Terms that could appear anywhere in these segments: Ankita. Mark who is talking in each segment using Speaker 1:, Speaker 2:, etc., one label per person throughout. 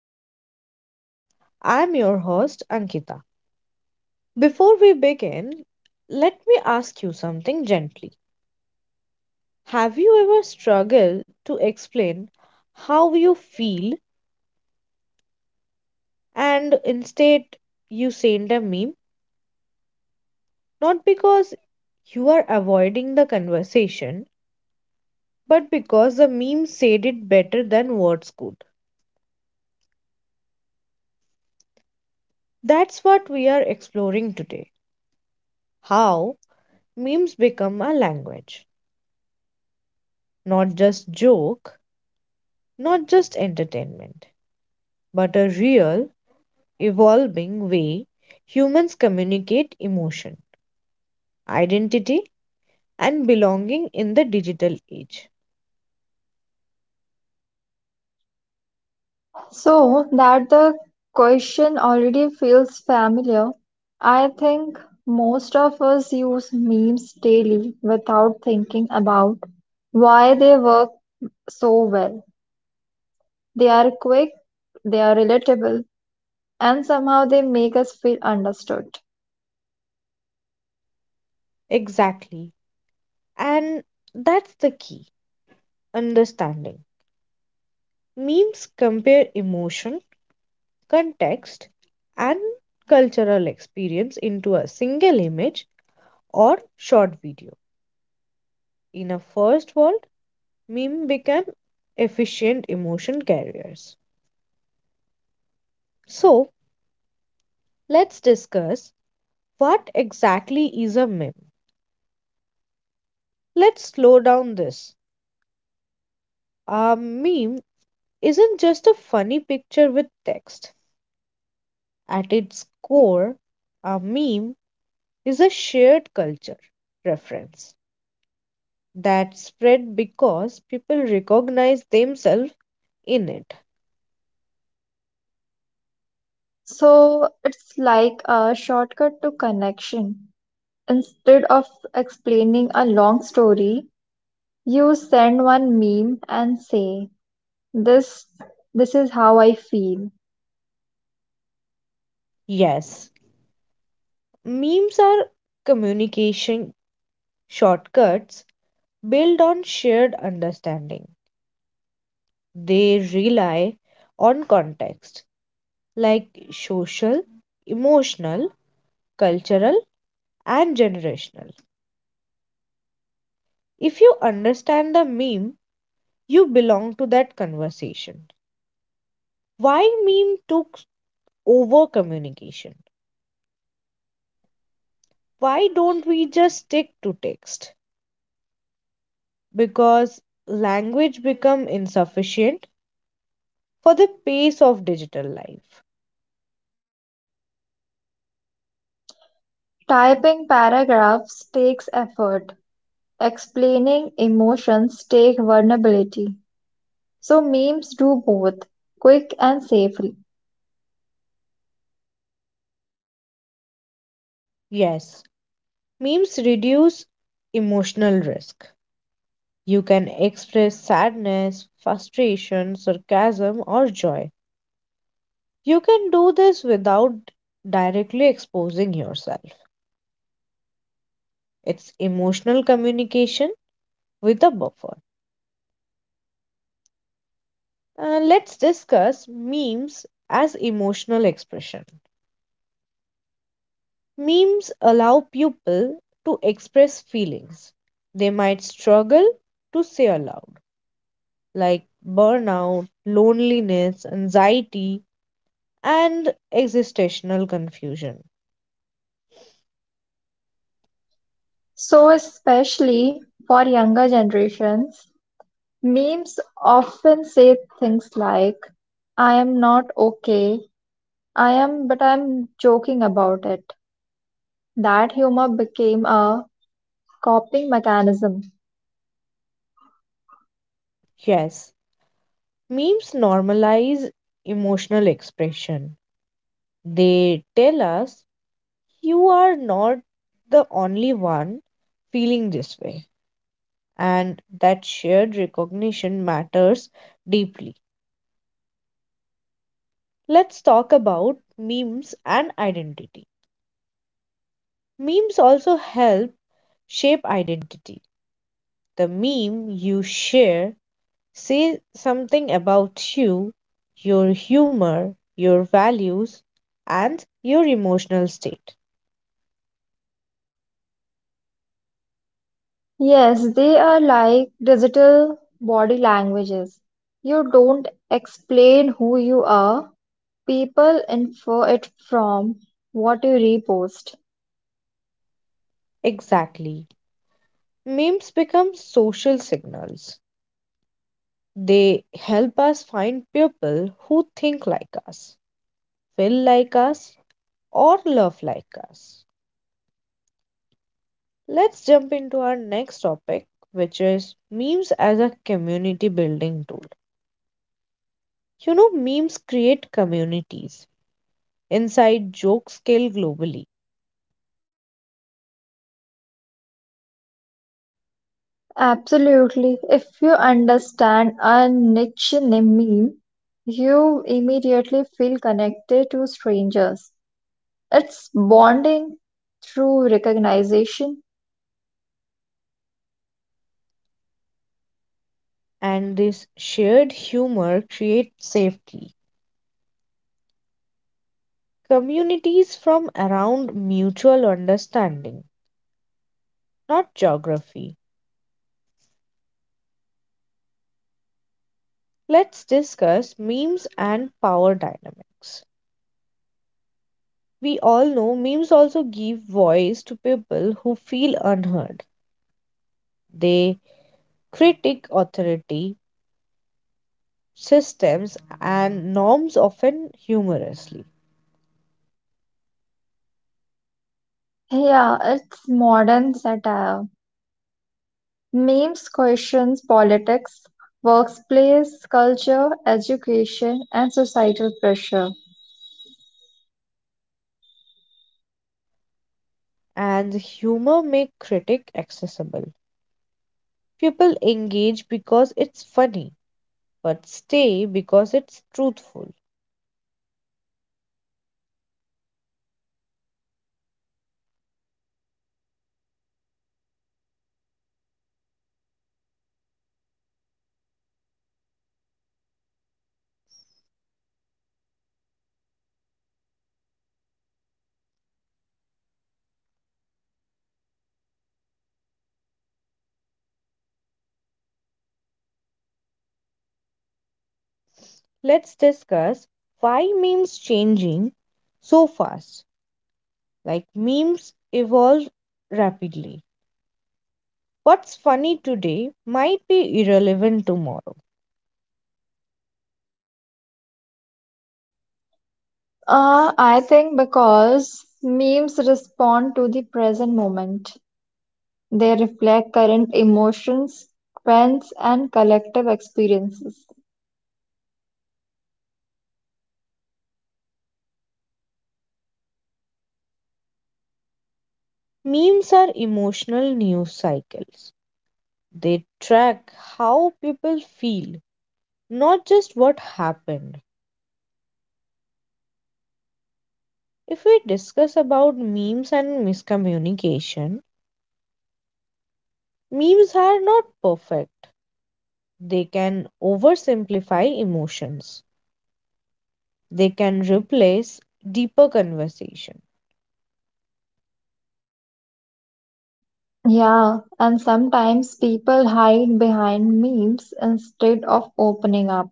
Speaker 1: Lifestyle. I'm your host, Ankita. Before we begin, let me ask you something gently. Have you ever struggled to explain how you feel and instead you send a meme? Not because you are avoiding the conversation, but because the meme said it better than words could. That's what we are exploring today: how memes become a language. Not just joke, not just entertainment, but a real, evolving way humans communicate emotion, identity, and belonging in the digital age.
Speaker 2: So that the question already feels familiar, I think most of us use memes daily without thinking about why they work so well. They are quick, they are relatable, and somehow they make us feel understood.
Speaker 1: Exactly. And that's the key: understanding. Memes compare emotion, context, and cultural experience into a single image or short video. In a first world, meme became efficient emotion carriers. So, let's discuss what exactly is a meme. Let's slow down this. A meme isn't just a funny picture with text. At its core, a meme is a shared culture reference that spread because people recognize themselves in it.
Speaker 2: So it's like a shortcut to connection. Instead of explaining a long story, you send one meme and say, This this is how I feel.
Speaker 1: Yes, memes are communication shortcuts built on shared understanding. They rely on context like social, emotional, cultural, and generational. If you understand the meme, you belong to that conversation. Why meme took over communication? Why don't we just stick to text? Because language become insufficient for the pace of digital life.
Speaker 2: Typing paragraphs takes effort. Explaining emotions take vulnerability. So memes do both, quick and safely.
Speaker 1: Yes, memes reduce emotional risk. You can express sadness, frustration, sarcasm, or joy. You can do this without directly exposing yourself. It's emotional communication with a buffer. Let's discuss memes as emotional expression. Memes allow people to express feelings they might struggle to say aloud, like burnout, loneliness, anxiety, and existential confusion.
Speaker 2: So especially for younger generations, memes often say things like I am not okay. I am, but I'm joking about it. That humor became a coping mechanism.
Speaker 1: Yes, memes normalize emotional expression. They tell us you are not the only one feeling this way, and that shared recognition matters deeply. Let's talk about memes and identity. Memes also help shape identity. The meme you share says something about you, your humor, your values, and your emotional state.
Speaker 2: Yes, they are like digital body languages. You don't explain who you are, people infer it from what you repost.
Speaker 1: Exactly. Memes become social signals. They help us find people who think like us, feel like us, or love like us. Let's jump into our next topic, which is memes as a community building tool. You know, memes create communities. Inside jokes scale globally,
Speaker 2: Absolutely. If you understand a niche meme, you immediately feel connected to strangers. It's bonding through recognition.
Speaker 1: and this shared humor creates safety. Communities from around mutual understanding, not geography. Let's discuss memes and power dynamics. We all know memes also give voice to people who feel unheard. They critique authority, systems, and norms often humorously.
Speaker 2: Yeah, it's modern satire. Memes questions politics, workplace culture, education, and societal pressure.
Speaker 1: And humor make critique accessible. People engage because it's funny, but stay because it's truthful. Let's discuss why memes changing so fast. Like memes evolve rapidly. What's funny today might be irrelevant tomorrow.
Speaker 2: I think because memes respond to the present moment. They reflect current emotions, trends, and collective experiences.
Speaker 1: Memes are emotional news cycles. They track how people feel, not just what happened. If we discuss about memes and miscommunication, memes are not perfect. They can oversimplify emotions. They can replace deeper conversation.
Speaker 2: Yeah, and sometimes people hide behind memes instead of opening up.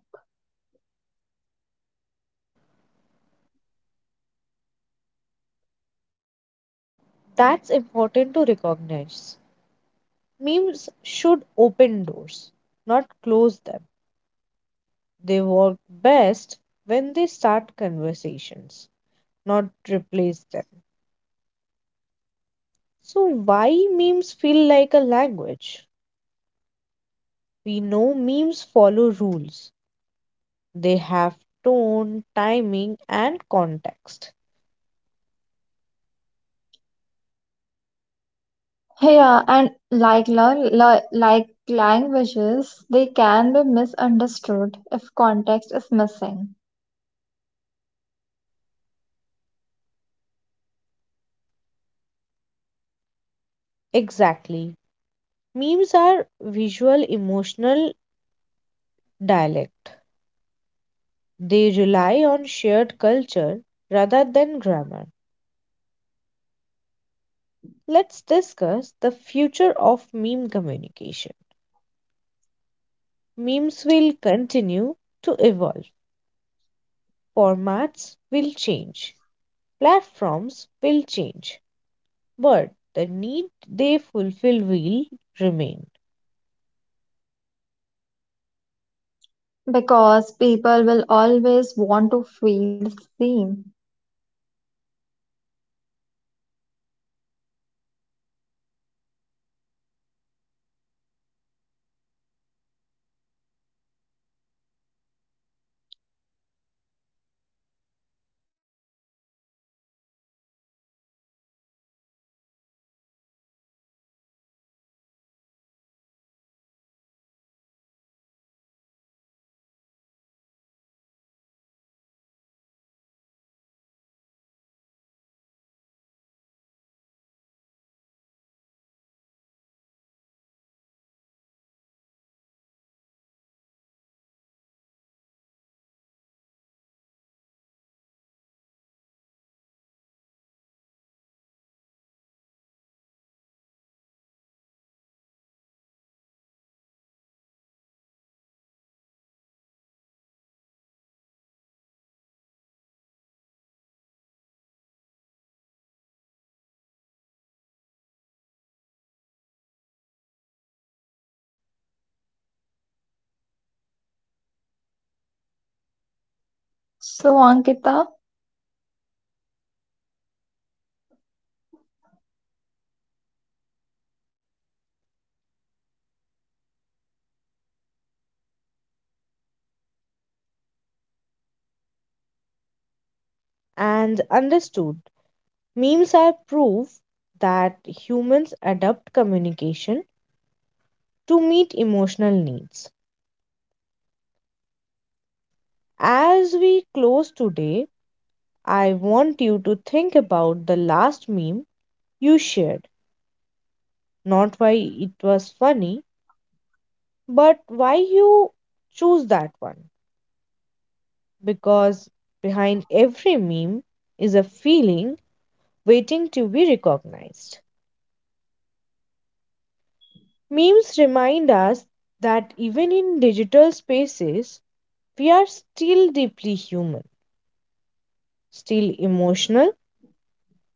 Speaker 1: That's important to recognize. Memes should open doors, not close them. They work best when they start conversations, not replace them. So, why memes feel like a language? We know memes follow rules, they have tone, timing, and context.
Speaker 2: Yeah, and like, la la like languages, they can be misunderstood if context is missing,
Speaker 1: Exactly. Memes are visual emotional dialect, they rely on shared culture rather than grammar. Let's discuss the future of meme communication. Memes will continue to evolve. Formats will change, platforms will change, but the need they fulfill will remain.
Speaker 2: because people will always want to feel seen. So, Ankita,
Speaker 1: And understood, memes are proof that humans adapt communication to meet emotional needs. As we close today, I want you to think about the last meme you shared, not why it was funny, but why you choose that one. Because behind every meme is a feeling waiting to be recognized. Memes remind us that even in digital spaces, we are still deeply human, still emotional,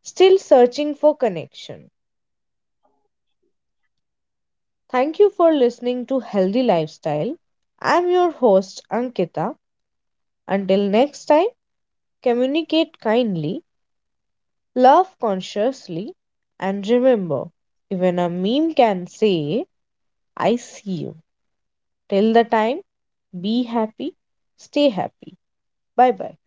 Speaker 1: still searching for connection. Thank you for listening to Healthy Lifestyle. I'm your host, Ankita. Until next time, communicate kindly, love consciously, and remember even a meme can say, I see you. Till the time, be happy, stay happy. Bye bye.